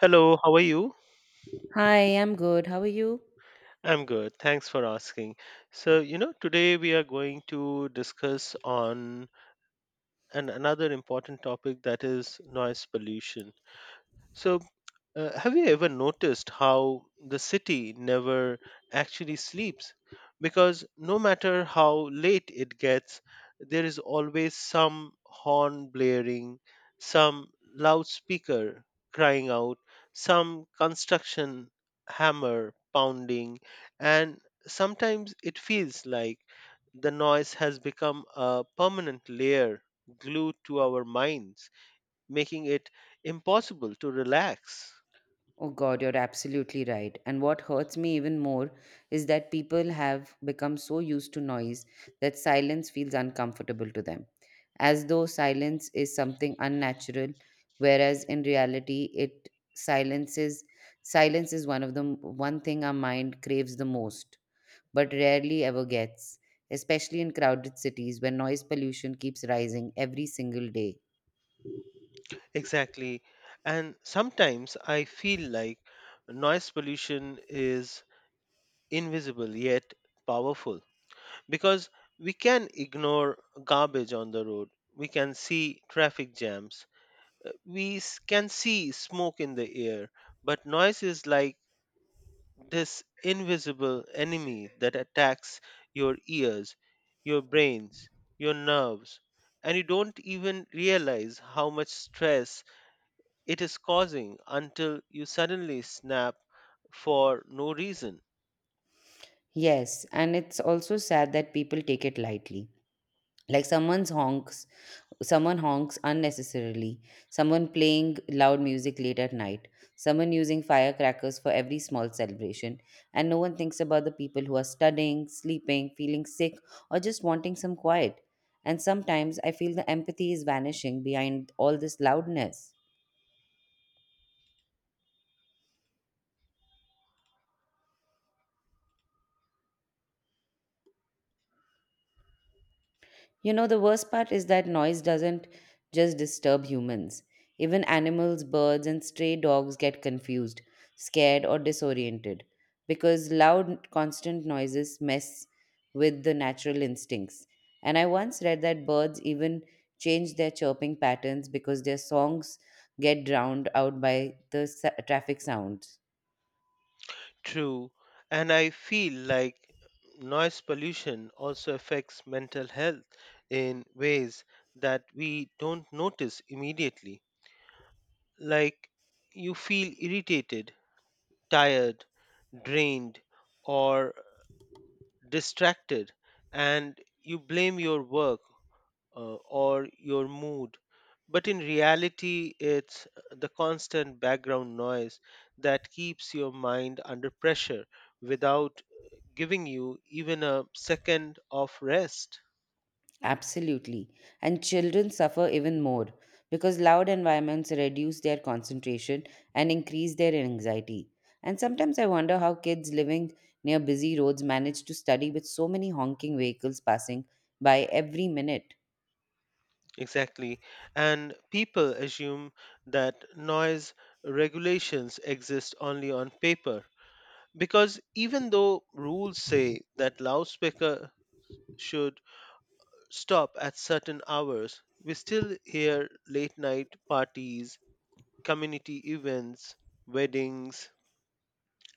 Hello, how are you? Hi, I'm good. How are you? I'm good. Thanks for asking. Today we are going to discuss on another important topic, that is noise pollution. So, have you ever noticed how the city never actually sleeps? Because no matter how late it gets, there is always some horn blaring, some loudspeaker crying out, some construction hammer pounding, and sometimes it feels like the noise has become a permanent layer glued to our minds, making it impossible to relax. Oh God, you're absolutely right. And what hurts me even more is that people have become so used to noise that silence feels uncomfortable to them, as though silence is something unnatural, whereas in reality, it silences silence is one of the one thing our mind craves the most, but rarely ever gets, especially in crowded cities where noise pollution keeps rising every single day. Exactly. And sometimes I feel like noise pollution is invisible yet powerful, because we can ignore garbage on the road, we can see traffic jams, we s- can see smoke in the air, but noise is like this invisible enemy that attacks your ears, your brains, your nerves, and you don't even realize how much stress it is causing until you suddenly snap for no reason. Yes, and it's also sad that people take it lightly. Like someone's honks, someone honks unnecessarily, someone playing loud music late at night, someone using firecrackers for every small celebration, and no one thinks about the people who are studying, sleeping, feeling sick, or just wanting some quiet. And sometimes I feel the empathy is vanishing behind all this loudness. The worst part is that noise doesn't just disturb humans. Even animals, birds, and stray dogs get confused, scared, or disoriented because loud, constant noises mess with the natural instincts. And I once read that birds even change their chirping patterns because their songs get drowned out by the traffic sounds. True, and I feel like noise pollution also affects mental health in ways that we don't notice immediately. Like, you feel irritated, tired, drained, or distracted, and you blame your work or your mood. But in reality, it's the constant background noise that keeps your mind under pressure without giving you even a second of rest. Absolutely. And children suffer even more because loud environments reduce their concentration and increase their anxiety. And sometimes I wonder how kids living near busy roads manage to study with so many honking vehicles passing by every minute. Exactly. And people assume that noise regulations exist only on paper, because even though rules say that loudspeaker should stop at certain hours, we still hear late night parties, community events, weddings,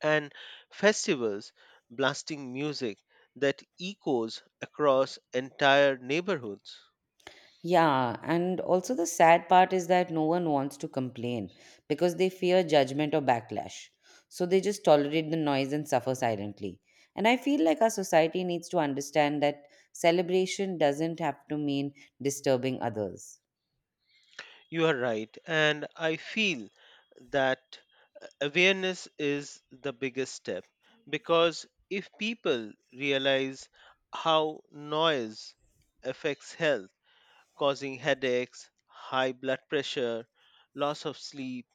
and festivals blasting music that echoes across entire neighborhoods. Yeah, and also the sad part is that no one wants to complain because they fear judgment or backlash. So they just tolerate the noise and suffer silently. And I feel like our society needs to understand that celebration doesn't have to mean disturbing others. You are right, and I feel that awareness is the biggest step, because if people realize how noise affects health, causing headaches, high blood pressure, loss of sleep,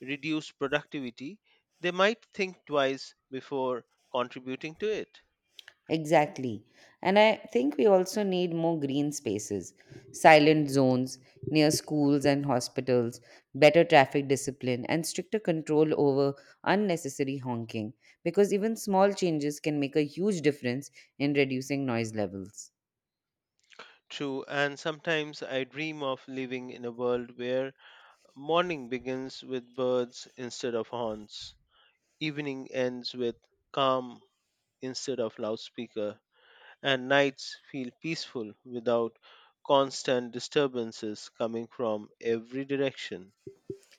reduced productivity, they might think twice before contributing to it. Exactly. And I think we also need more green spaces, silent zones near schools and hospitals, better traffic discipline, and stricter control over unnecessary honking, because even small changes can make a huge difference in reducing noise levels. True, and sometimes I dream of living in a world where morning begins with birds instead of horns, evening ends with calm instead of loudspeaker, and nights feel peaceful without constant disturbances coming from every direction.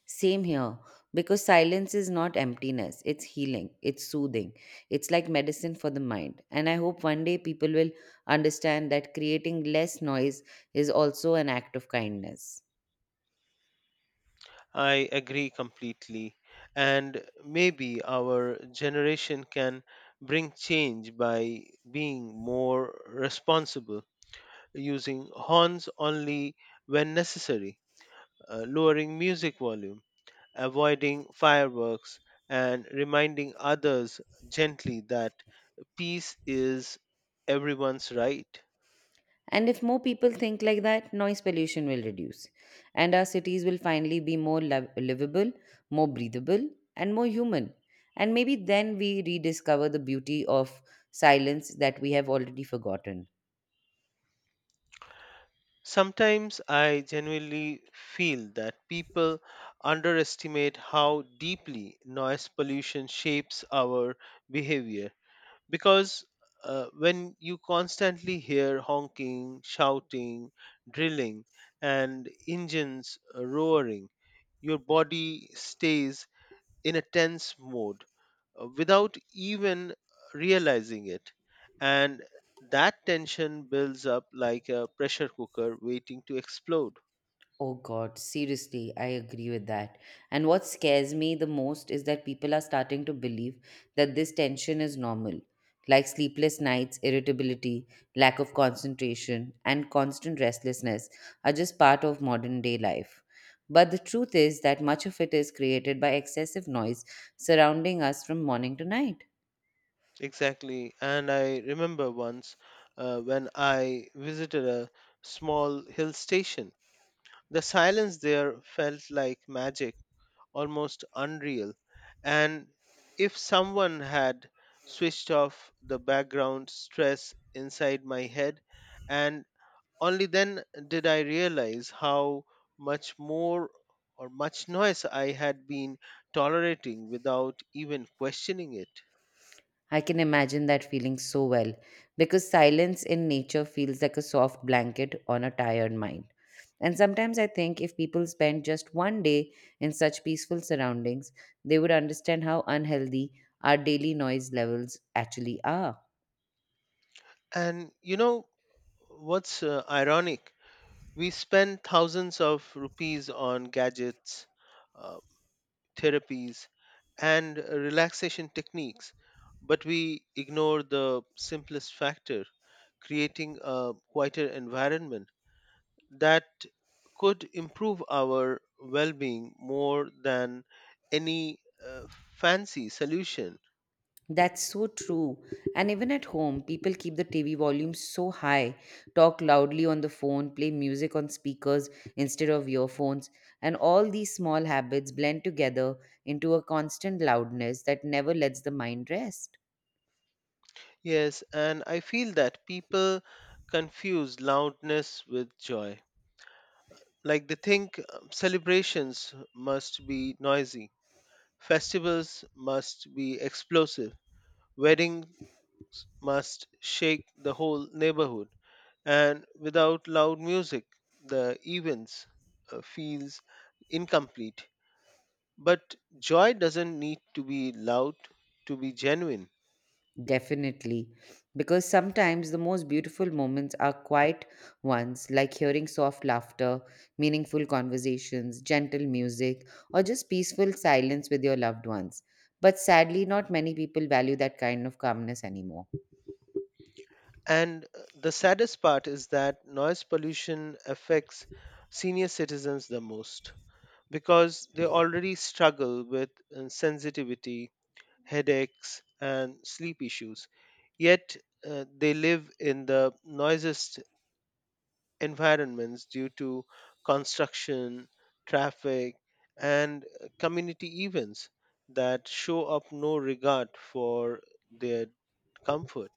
Same here, because silence is not emptiness, it's healing, it's soothing, it's like medicine for the mind. And I hope one day people will understand that creating less noise is also an act of kindness. I agree completely. And maybe our generation can bring change by being more responsible, using horns only when necessary, lowering music volume, avoiding fireworks, and reminding others gently that peace is everyone's right. And if more people think like that, noise pollution will reduce. And our cities will finally be more livable, more breathable, and more human. And maybe then we rediscover the beauty of silence that we have already forgotten. Sometimes I genuinely feel that people underestimate how deeply noise pollution shapes our behavior, because when you constantly hear honking, shouting, drilling, and engines roaring, your body stays in a tense mode without even realizing it. And that tension builds up like a pressure cooker waiting to explode. Oh God, seriously, I agree with that. And what scares me the most is that people are starting to believe that this tension is normal, like sleepless nights, irritability, lack of concentration, and constant restlessness are just part of modern day life. But the truth is that much of it is created by excessive noise surrounding us from morning to night. Exactly. And I remember once, when I visited a small hill station, the silence there felt like magic, almost unreal. And if someone had switched off the background stress inside my head, and only then did I realize how much more or much noise I had been tolerating without even questioning it. I can imagine that feeling so well because silence in nature feels like a soft blanket on a tired mind. And sometimes I think if people spent just one day in such peaceful surroundings, they would understand how unhealthy our daily noise levels actually are. And you know what's ironic? We spend thousands of rupees on gadgets, uh, therapies, and relaxation techniques, but we ignore the simplest factor: creating a quieter environment that could improve our well being more than any uh, fancy solution. That's so true. And even at home, people keep the TV volume so high, talk loudly on the phone, play music on speakers instead of earphones, and all these small habits blend together into a constant loudness that never lets the mind rest. Yes, and I feel that people confuse loudness with joy. Like, they think celebrations must be noisy, festivals must be explosive, weddings must shake the whole neighborhood. And without loud music, the events feels incomplete. But joy doesn't need to be loud to be genuine. Definitely. Because sometimes the most beautiful moments are quiet ones, like hearing soft laughter, meaningful conversations, gentle music, or just peaceful silence with your loved ones. But sadly, not many people value that kind of calmness anymore. And the saddest part is that noise pollution affects senior citizens the most, because they already struggle with sensitivity, headaches, and sleep issues. Yet they live in the noisiest environments due to construction, traffic, and community events that show up no regard for their comfort.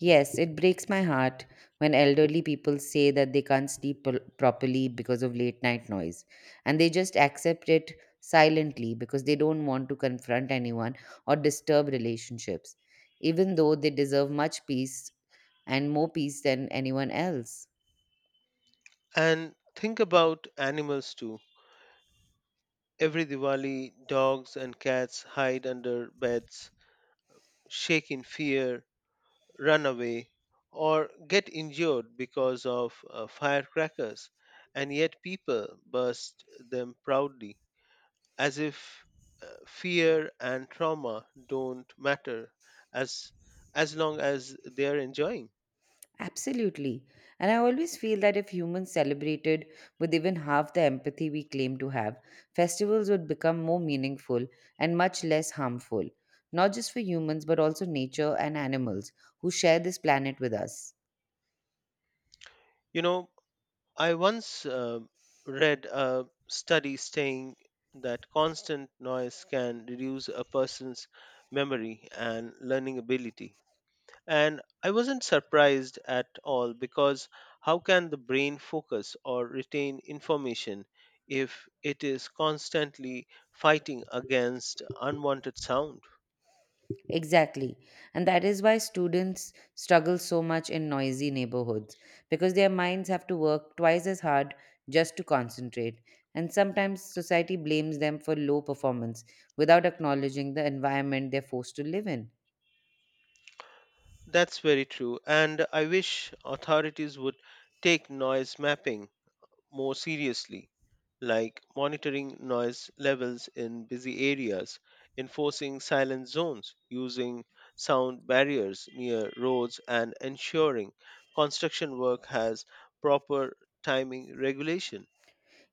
Yes, it breaks my heart when elderly people say that they can't sleep properly because of late night noise. And they just accept it silently because they don't want to confront anyone or disturb relationships, even though they deserve much peace and more peace than anyone else. And think about animals too. Every Diwali, dogs and cats hide under beds, shake in fear, run away, or get injured because of firecrackers, and yet people burst them proudly as if fear and trauma don't matter as as long as they are enjoying. Absolutely. And I always feel that if humans celebrated with even half the empathy we claim to have, festivals would become more meaningful and much less harmful, not just for humans, but also nature and animals who share this planet with us. You know, I once read a study saying that constant noise can reduce a person's memory and learning ability, and I wasn't surprised at all, because how can the brain focus or retain information if it is constantly fighting against unwanted sound? Exactly. And that is why students struggle so much in noisy neighborhoods because their minds have to work twice as hard just to concentrate. And sometimes society blames them for low performance without acknowledging the environment they're forced to live in. That's very true, and I wish authorities would take noise mapping more seriously, like monitoring noise levels in busy areas, enforcing silent zones, using sound barriers near roads, and ensuring construction work has proper timing regulation.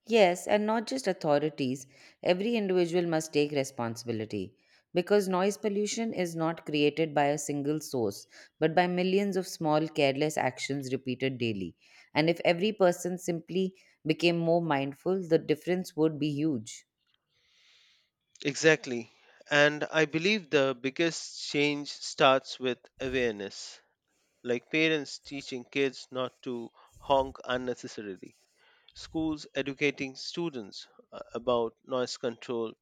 Yes, and not just authorities. Every individual must take responsibility. Because noise pollution is not created by a single source, but by millions of small, careless actions repeated daily. And if every person simply became more mindful, the difference would be huge. Exactly, and I believe the biggest change starts with awareness. Like parents teaching kids not to honk unnecessarily, schools educating students about noise control,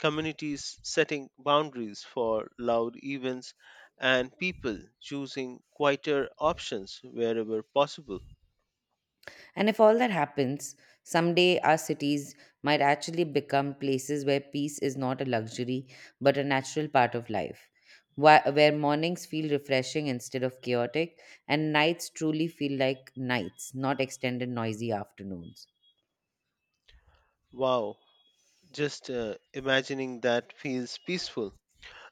communities setting boundaries for loud events, and people choosing quieter options wherever possible. And if all that happens, someday our cities might actually become places where peace is not a luxury but a natural part of life, where mornings feel refreshing instead of chaotic, and nights truly feel like nights, not extended noisy afternoons. Wow, just imagining that feels peaceful,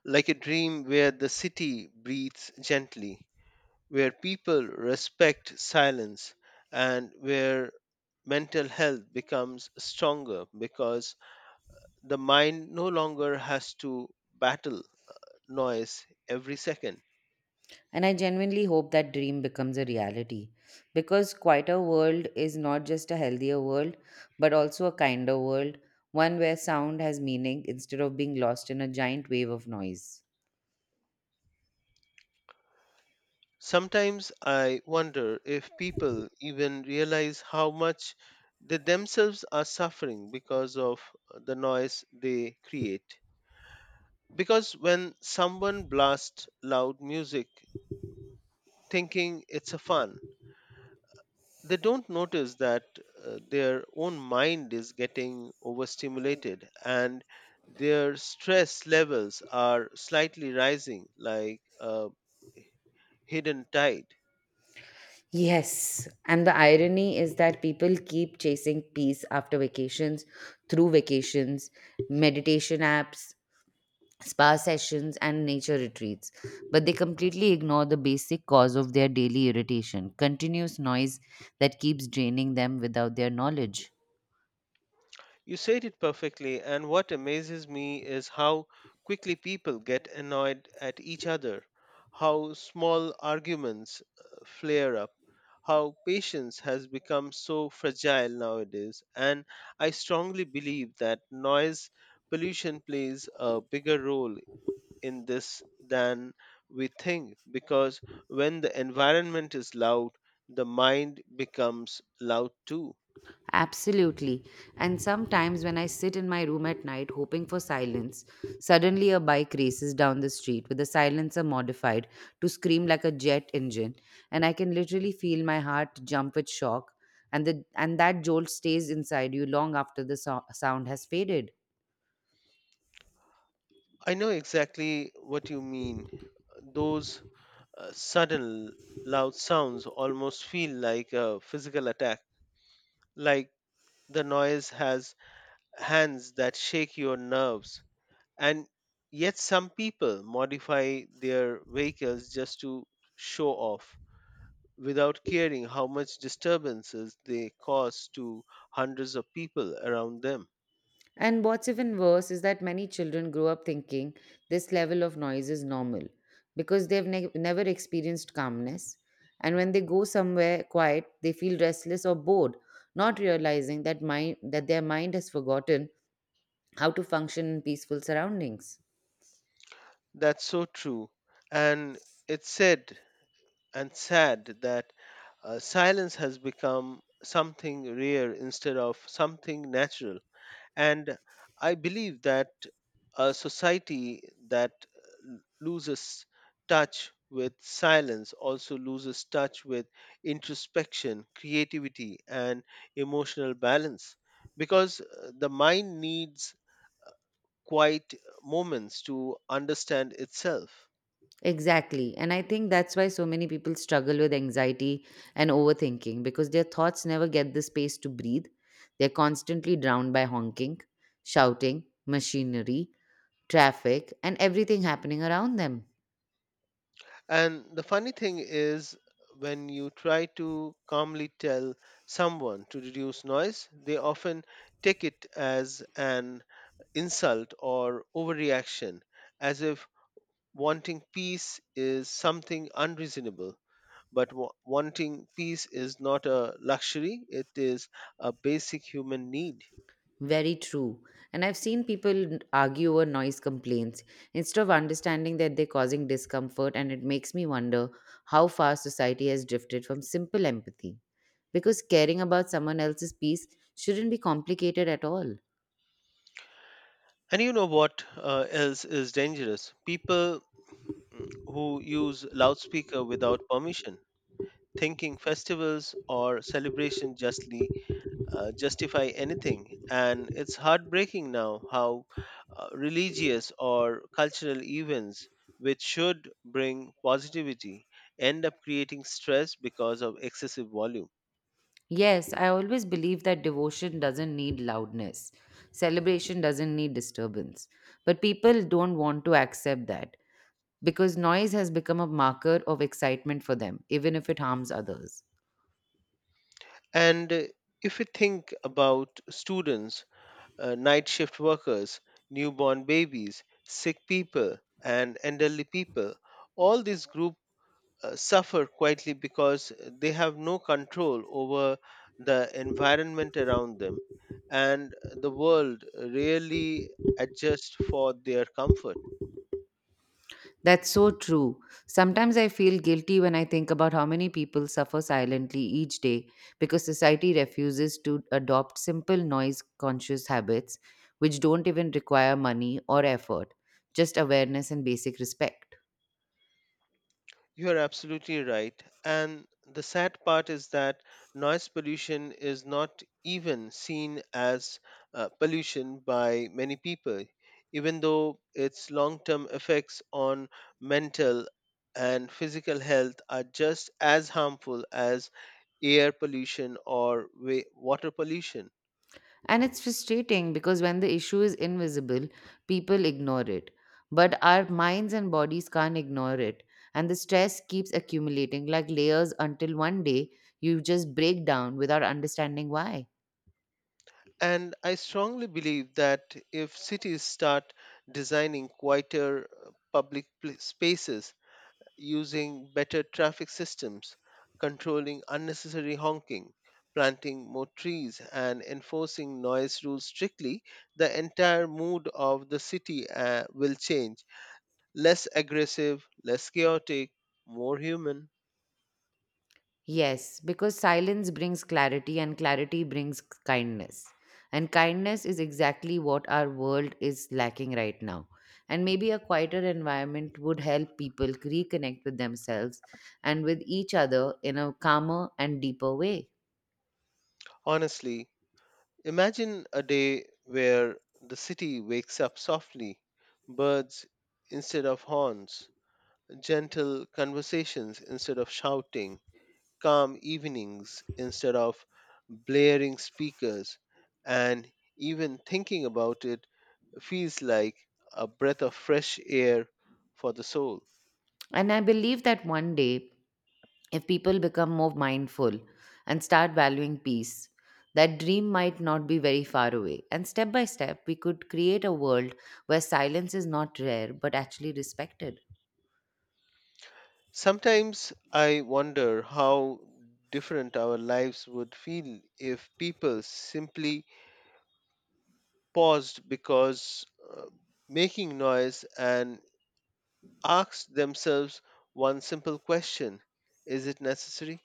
like a dream where the city breathes gently, where people respect silence, and where mental health becomes stronger because the mind no longer has to battle noise every second. And I genuinely hope that dream becomes a reality because quieter world is not just a healthier world but also a kinder world, one where sound has meaning instead of being lost in a giant wave of noise. Sometimes I wonder if people even realize how much they themselves are suffering because of the noise they create. Because when someone blasts loud music thinking it's a fun, they don't notice that their own mind is getting overstimulated and their stress levels are slightly rising like a hidden tide. Yes, and the irony is that people keep chasing peace after vacations, through vacations, meditation apps, spa sessions, and nature retreats. But they completely ignore the basic cause of their daily irritation continuous noise that keeps draining them without their knowledge. You said it perfectly, and what amazes me is how quickly people get annoyed at each other, how small arguments flare up, how patience has become so fragile nowadays. And I strongly believe that noise pollution plays a bigger role in this than we think, because when the environment is loud, the mind becomes loud too. Absolutely. And sometimes when I sit in my room at night hoping for silence, suddenly a bike races down the street with the silencer modified to scream like a jet engine, and I can literally feel my heart jump with shock, and the and that jolt stays inside you long after the sound has faded. I know exactly what you mean. Those sudden loud sounds almost feel like a physical attack, like the noise has hands that shake your nerves. And yet, some people modify their vehicles just to show off without caring how much disturbances they cause to hundreds of people around them. And what's even worse is that many children grow up thinking this level of noise is normal because they've never experienced calmness. And when they go somewhere quiet, they feel restless or bored, not realizing that their mind has forgotten how to function in peaceful surroundings. That's so true. And it's said and sad that silence has become something rare instead of something natural. And I believe that a society that loses touch with silence also loses touch with introspection, creativity, and emotional balance, because the mind needs quiet moments to understand itself. Exactly. And I think that's why so many people struggle with anxiety and overthinking because their thoughts never get the space to breathe. They're constantly drowned by honking, shouting, machinery, traffic, and everything happening around them. And the funny thing is, when you try to calmly tell someone to reduce noise, they often take it as an insult or overreaction, as if wanting peace is something unreasonable. But wanting peace is not a luxury, it is a basic human need. Very true. And I've seen people argue over noise complaints instead of understanding that they're causing discomfort, and it makes me wonder how far society has drifted from simple empathy. Because caring about someone else's peace shouldn't be complicated at all. And you know what else is dangerous? People, who use loudspeaker without permission thinking festivals or celebration justly justify anything. And it's heartbreaking now how religious or cultural events, which should bring positivity, end up creating stress because of excessive volume. Yes, I always believe that devotion doesn't need loudness. Celebration doesn't need disturbance. But people don't want to accept that, because noise has become a marker of excitement for them, even if it harms others. And if we think about students, night shift workers, newborn babies, sick people, and elderly people, all these groups suffer quietly because they have no control over the environment around them, and the world really adjusts for their comfort. That's so true. Sometimes I feel guilty when I think about how many people suffer silently each day because society refuses to adopt simple noise conscious habits which don't even require money or effort, just awareness and basic respect. You are absolutely right. And the sad part is that noise pollution is not even seen as pollution by many people, even though its long term effects on mental and physical health are just as harmful as air pollution or water pollution. And it's frustrating because when the issue is invisible, people ignore it. But our minds and bodies can't ignore it. And the stress keeps accumulating like layers until one day you just break down without understanding why. And I strongly believe that if cities start designing quieter public spaces, using better traffic systems, controlling unnecessary honking, planting more trees, and enforcing noise rules strictly, the entire mood of the city will change. Less aggressive, less chaotic, more human. Yes, because silence brings clarity and clarity brings kindness. And kindness is exactly what our world is lacking right now. And maybe a quieter environment would help people reconnect with themselves and with each other in a calmer and deeper way. Honestly, imagine a day where the city wakes up softly, birds instead of horns, gentle conversations instead of shouting, calm evenings instead of blaring speakers, and even thinking about it feels like a breath of fresh air for the soul. And I believe that one day if people become more mindful and start valuing peace, that dream might not be very far away. And step by step, we could create a world where silence is not rare but actually respected. Sometimes I wonder how different our lives would feel if people simply paused because, uh, making noise, and asked themselves one simple question: is it necessary?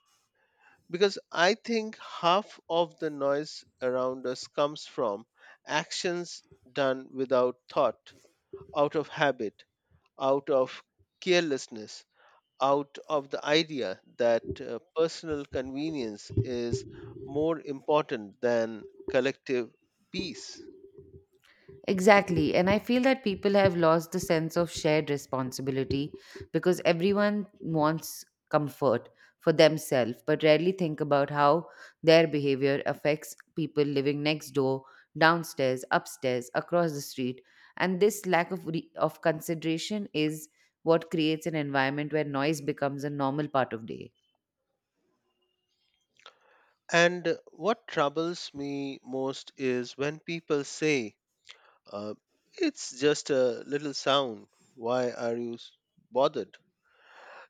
Because I think half of the noise around us comes from actions done without thought, out of habit, out of carelessness, out of the idea that personal convenience is more important than collective peace. Exactly. And I feel that people have lost the sense of shared responsibility because everyone wants comfort for themselves, but rarely think about how their behavior affects people living next door, downstairs, upstairs, across the street. And this lack of consideration is what creates an environment where noise becomes a normal part of day. And what troubles me most is when people say, uh, it's just a little sound. Why are you bothered?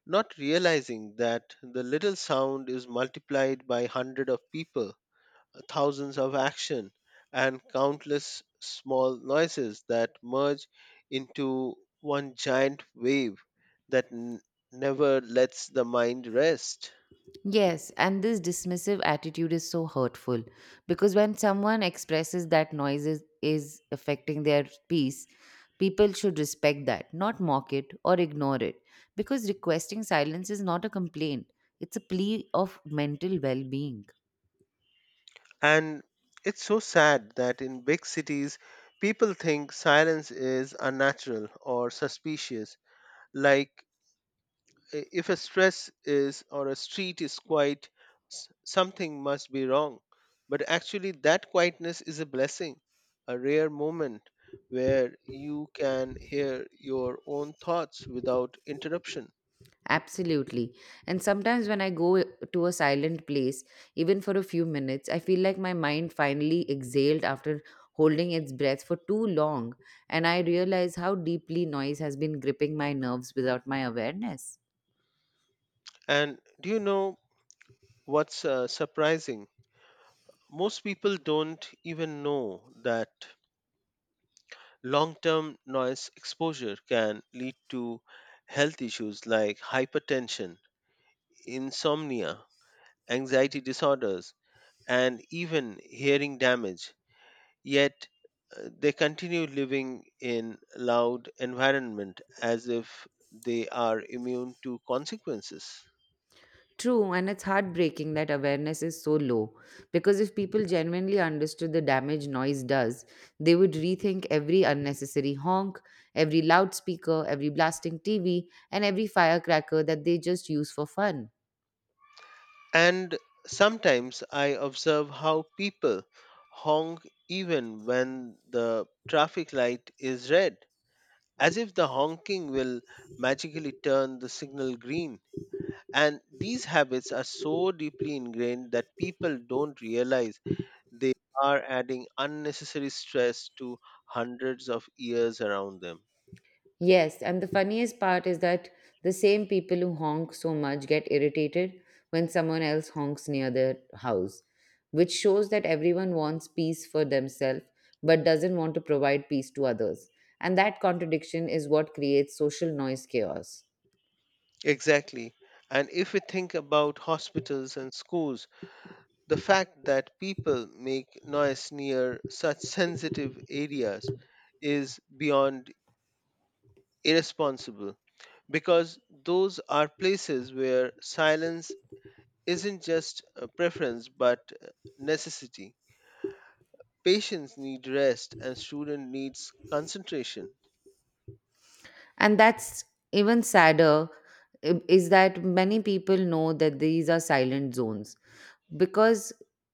Not realizing that the little sound is multiplied by hundred of people, thousands of action, and countless small noises that merge into one giant wave that never lets the mind rest. Yes, and this dismissive attitude is so hurtful because when someone expresses that noise is affecting their peace, people should respect that, not mock it or ignore it. Because requesting silence is not a complaint, it's a plea of mental well being. And it's so sad that in big cities, people think silence is unnatural or suspicious. Like, if a stress is or a street is quiet, something must be wrong. But actually, that quietness is a blessing, a rare moment where you can hear your own thoughts without interruption. Absolutely. And sometimes when I go to a silent place, even for a few minutes, I feel like my mind finally exhaled after holding its breath for too long. And I realize how deeply noise has been gripping my nerves without my awareness. And do you know what's surprising? Most people don't even know that long term noise exposure can lead to health issues like hypertension, insomnia, anxiety disorders, and even hearing damage. Yet they continue living in loud environment as if they are immune to consequences. True, and it's heartbreaking that awareness is so low. Because if people genuinely understood the damage noise does, they would rethink every unnecessary honk, every loudspeaker, every blasting TV, and every firecracker that they just use for fun. And sometimes I observe how people honk even when the traffic light is red, as if the honking will magically turn the signal green. And these habits are so deeply ingrained that people don't realize they are adding unnecessary stress to hundreds of years around them. Yes, and the funniest part is that the same people who honk so much get irritated when someone else honks near their house, which shows that everyone wants peace for themselves but doesn't want to provide peace to others. And that contradiction is what creates social noise chaos. Exactly. And if we think about hospitals and schools, the fact that people make noise near such sensitive areas is beyond irresponsible, because those are places where silence isn't just a preference but necessity. Patients need rest and student needs concentration. And that's even sadder is that many people know that these are silent zones, because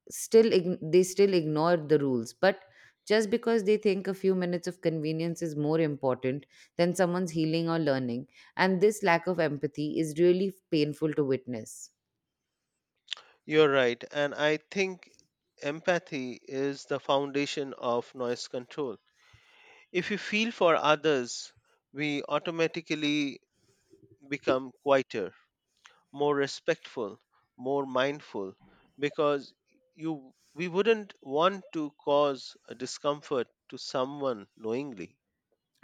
they still ignore the rules, but just because they think a few minutes of convenience is more important than someone's healing or learning, and this lack of empathy is really painful to witness. You're right, and I think empathy is the foundation of noise control. If we feel for others, we automatically become quieter, more respectful, more mindful, because you we wouldn't want to cause a discomfort to someone knowingly.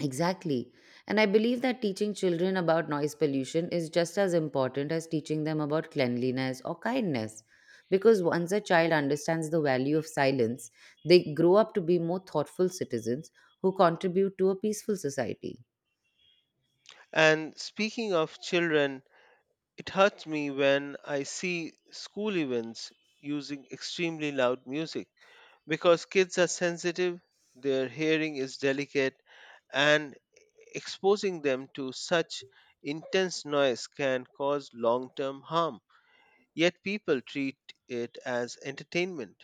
Exactly, and I believe that teaching children about noise pollution is just as important as teaching them about cleanliness or kindness, because once a child understands the value of silence, they grow up to be more thoughtful citizens who contribute to a peaceful society. And speaking of children, it hurts me when I see school events using extremely loud music, because kids are sensitive, their hearing is delicate, and exposing them to such intense noise can cause long term harm. Yet people treat it as entertainment.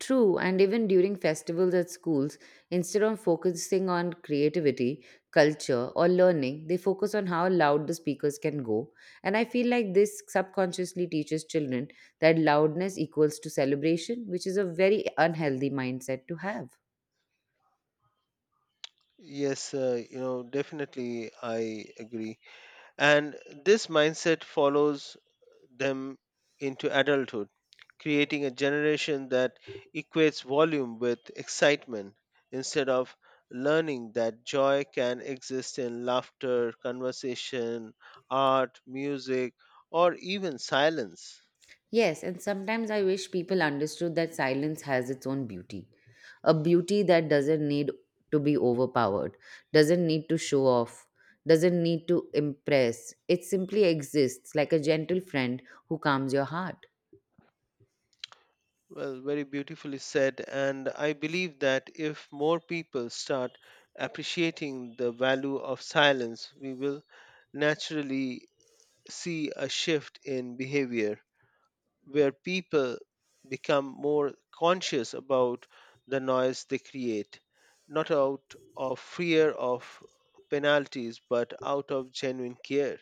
True, and even during festivals at schools, instead of focusing on creativity, culture, or learning, they focus on how loud the speakers can go. And I feel like this subconsciously teaches children that loudness equals to celebration, which is a very unhealthy mindset to have. Yes, definitely I agree. And this mindset follows them into adulthood, creating a generation that equates volume with excitement instead of learning that joy can exist in laughter, conversation, art, music, or even silence. Yes, and sometimes I wish people understood that silence has its own beauty. A beauty that doesn't need to be overpowered, doesn't need to show off, doesn't need to impress. It simply exists like a gentle friend who calms your heart. Well, very beautifully said. And I believe that if more people start appreciating the value of silence, we will naturally see a shift in behavior where people become more conscious about the noise they create, not out of fear of penalties, but out of genuine care.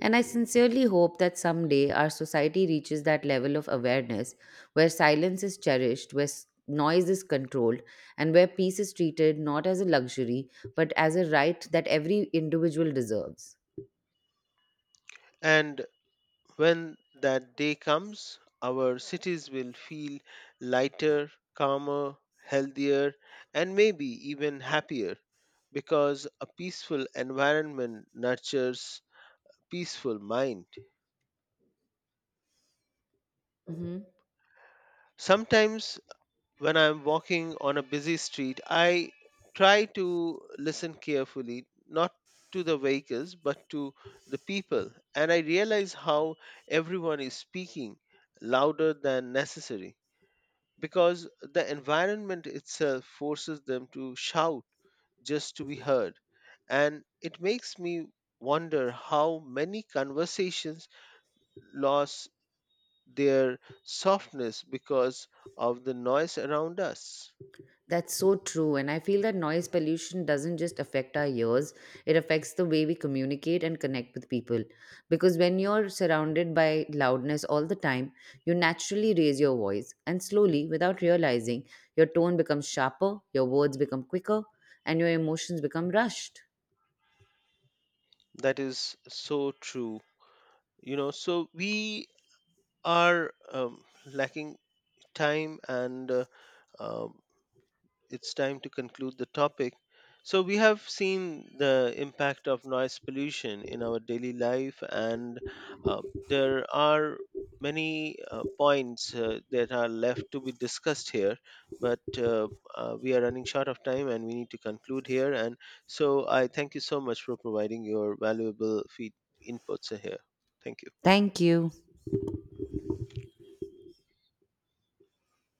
And I sincerely hope that someday our society reaches that level of awareness where silence is cherished, where noise is controlled, and where peace is treated not as a luxury but as a right that every individual deserves. And when that day comes, our cities will feel lighter, calmer, healthier, and maybe even happier, because a peaceful environment nurtures peaceful mind. Mhm. Sometimes when I'm walking on a busy street, I try to listen carefully, not to the vehicles, but to the people. And I realize how everyone is speaking louder than necessary, because the environment itself forces them to shout just to be heard. And it makes me wonder how many conversations lost their softness because of the noise around us. That's so true. And I feel that noise pollution doesn't just affect our ears, it affects the way we communicate and connect with people. Because when you're surrounded by loudness all the time, you naturally raise your voice. And slowly, without realizing, your tone becomes sharper, your words become quicker, and your emotions become rushed. That is so true. You know, so we are lacking time and, um, it's time to conclude the topic. So, we have seen the impact of noise pollution in our daily life, and uh, there are many points that are left to be discussed here. But we are running short of time and we need to conclude here. And so, I thank you so much for providing your valuable feed inputs here. Thank you. Thank you.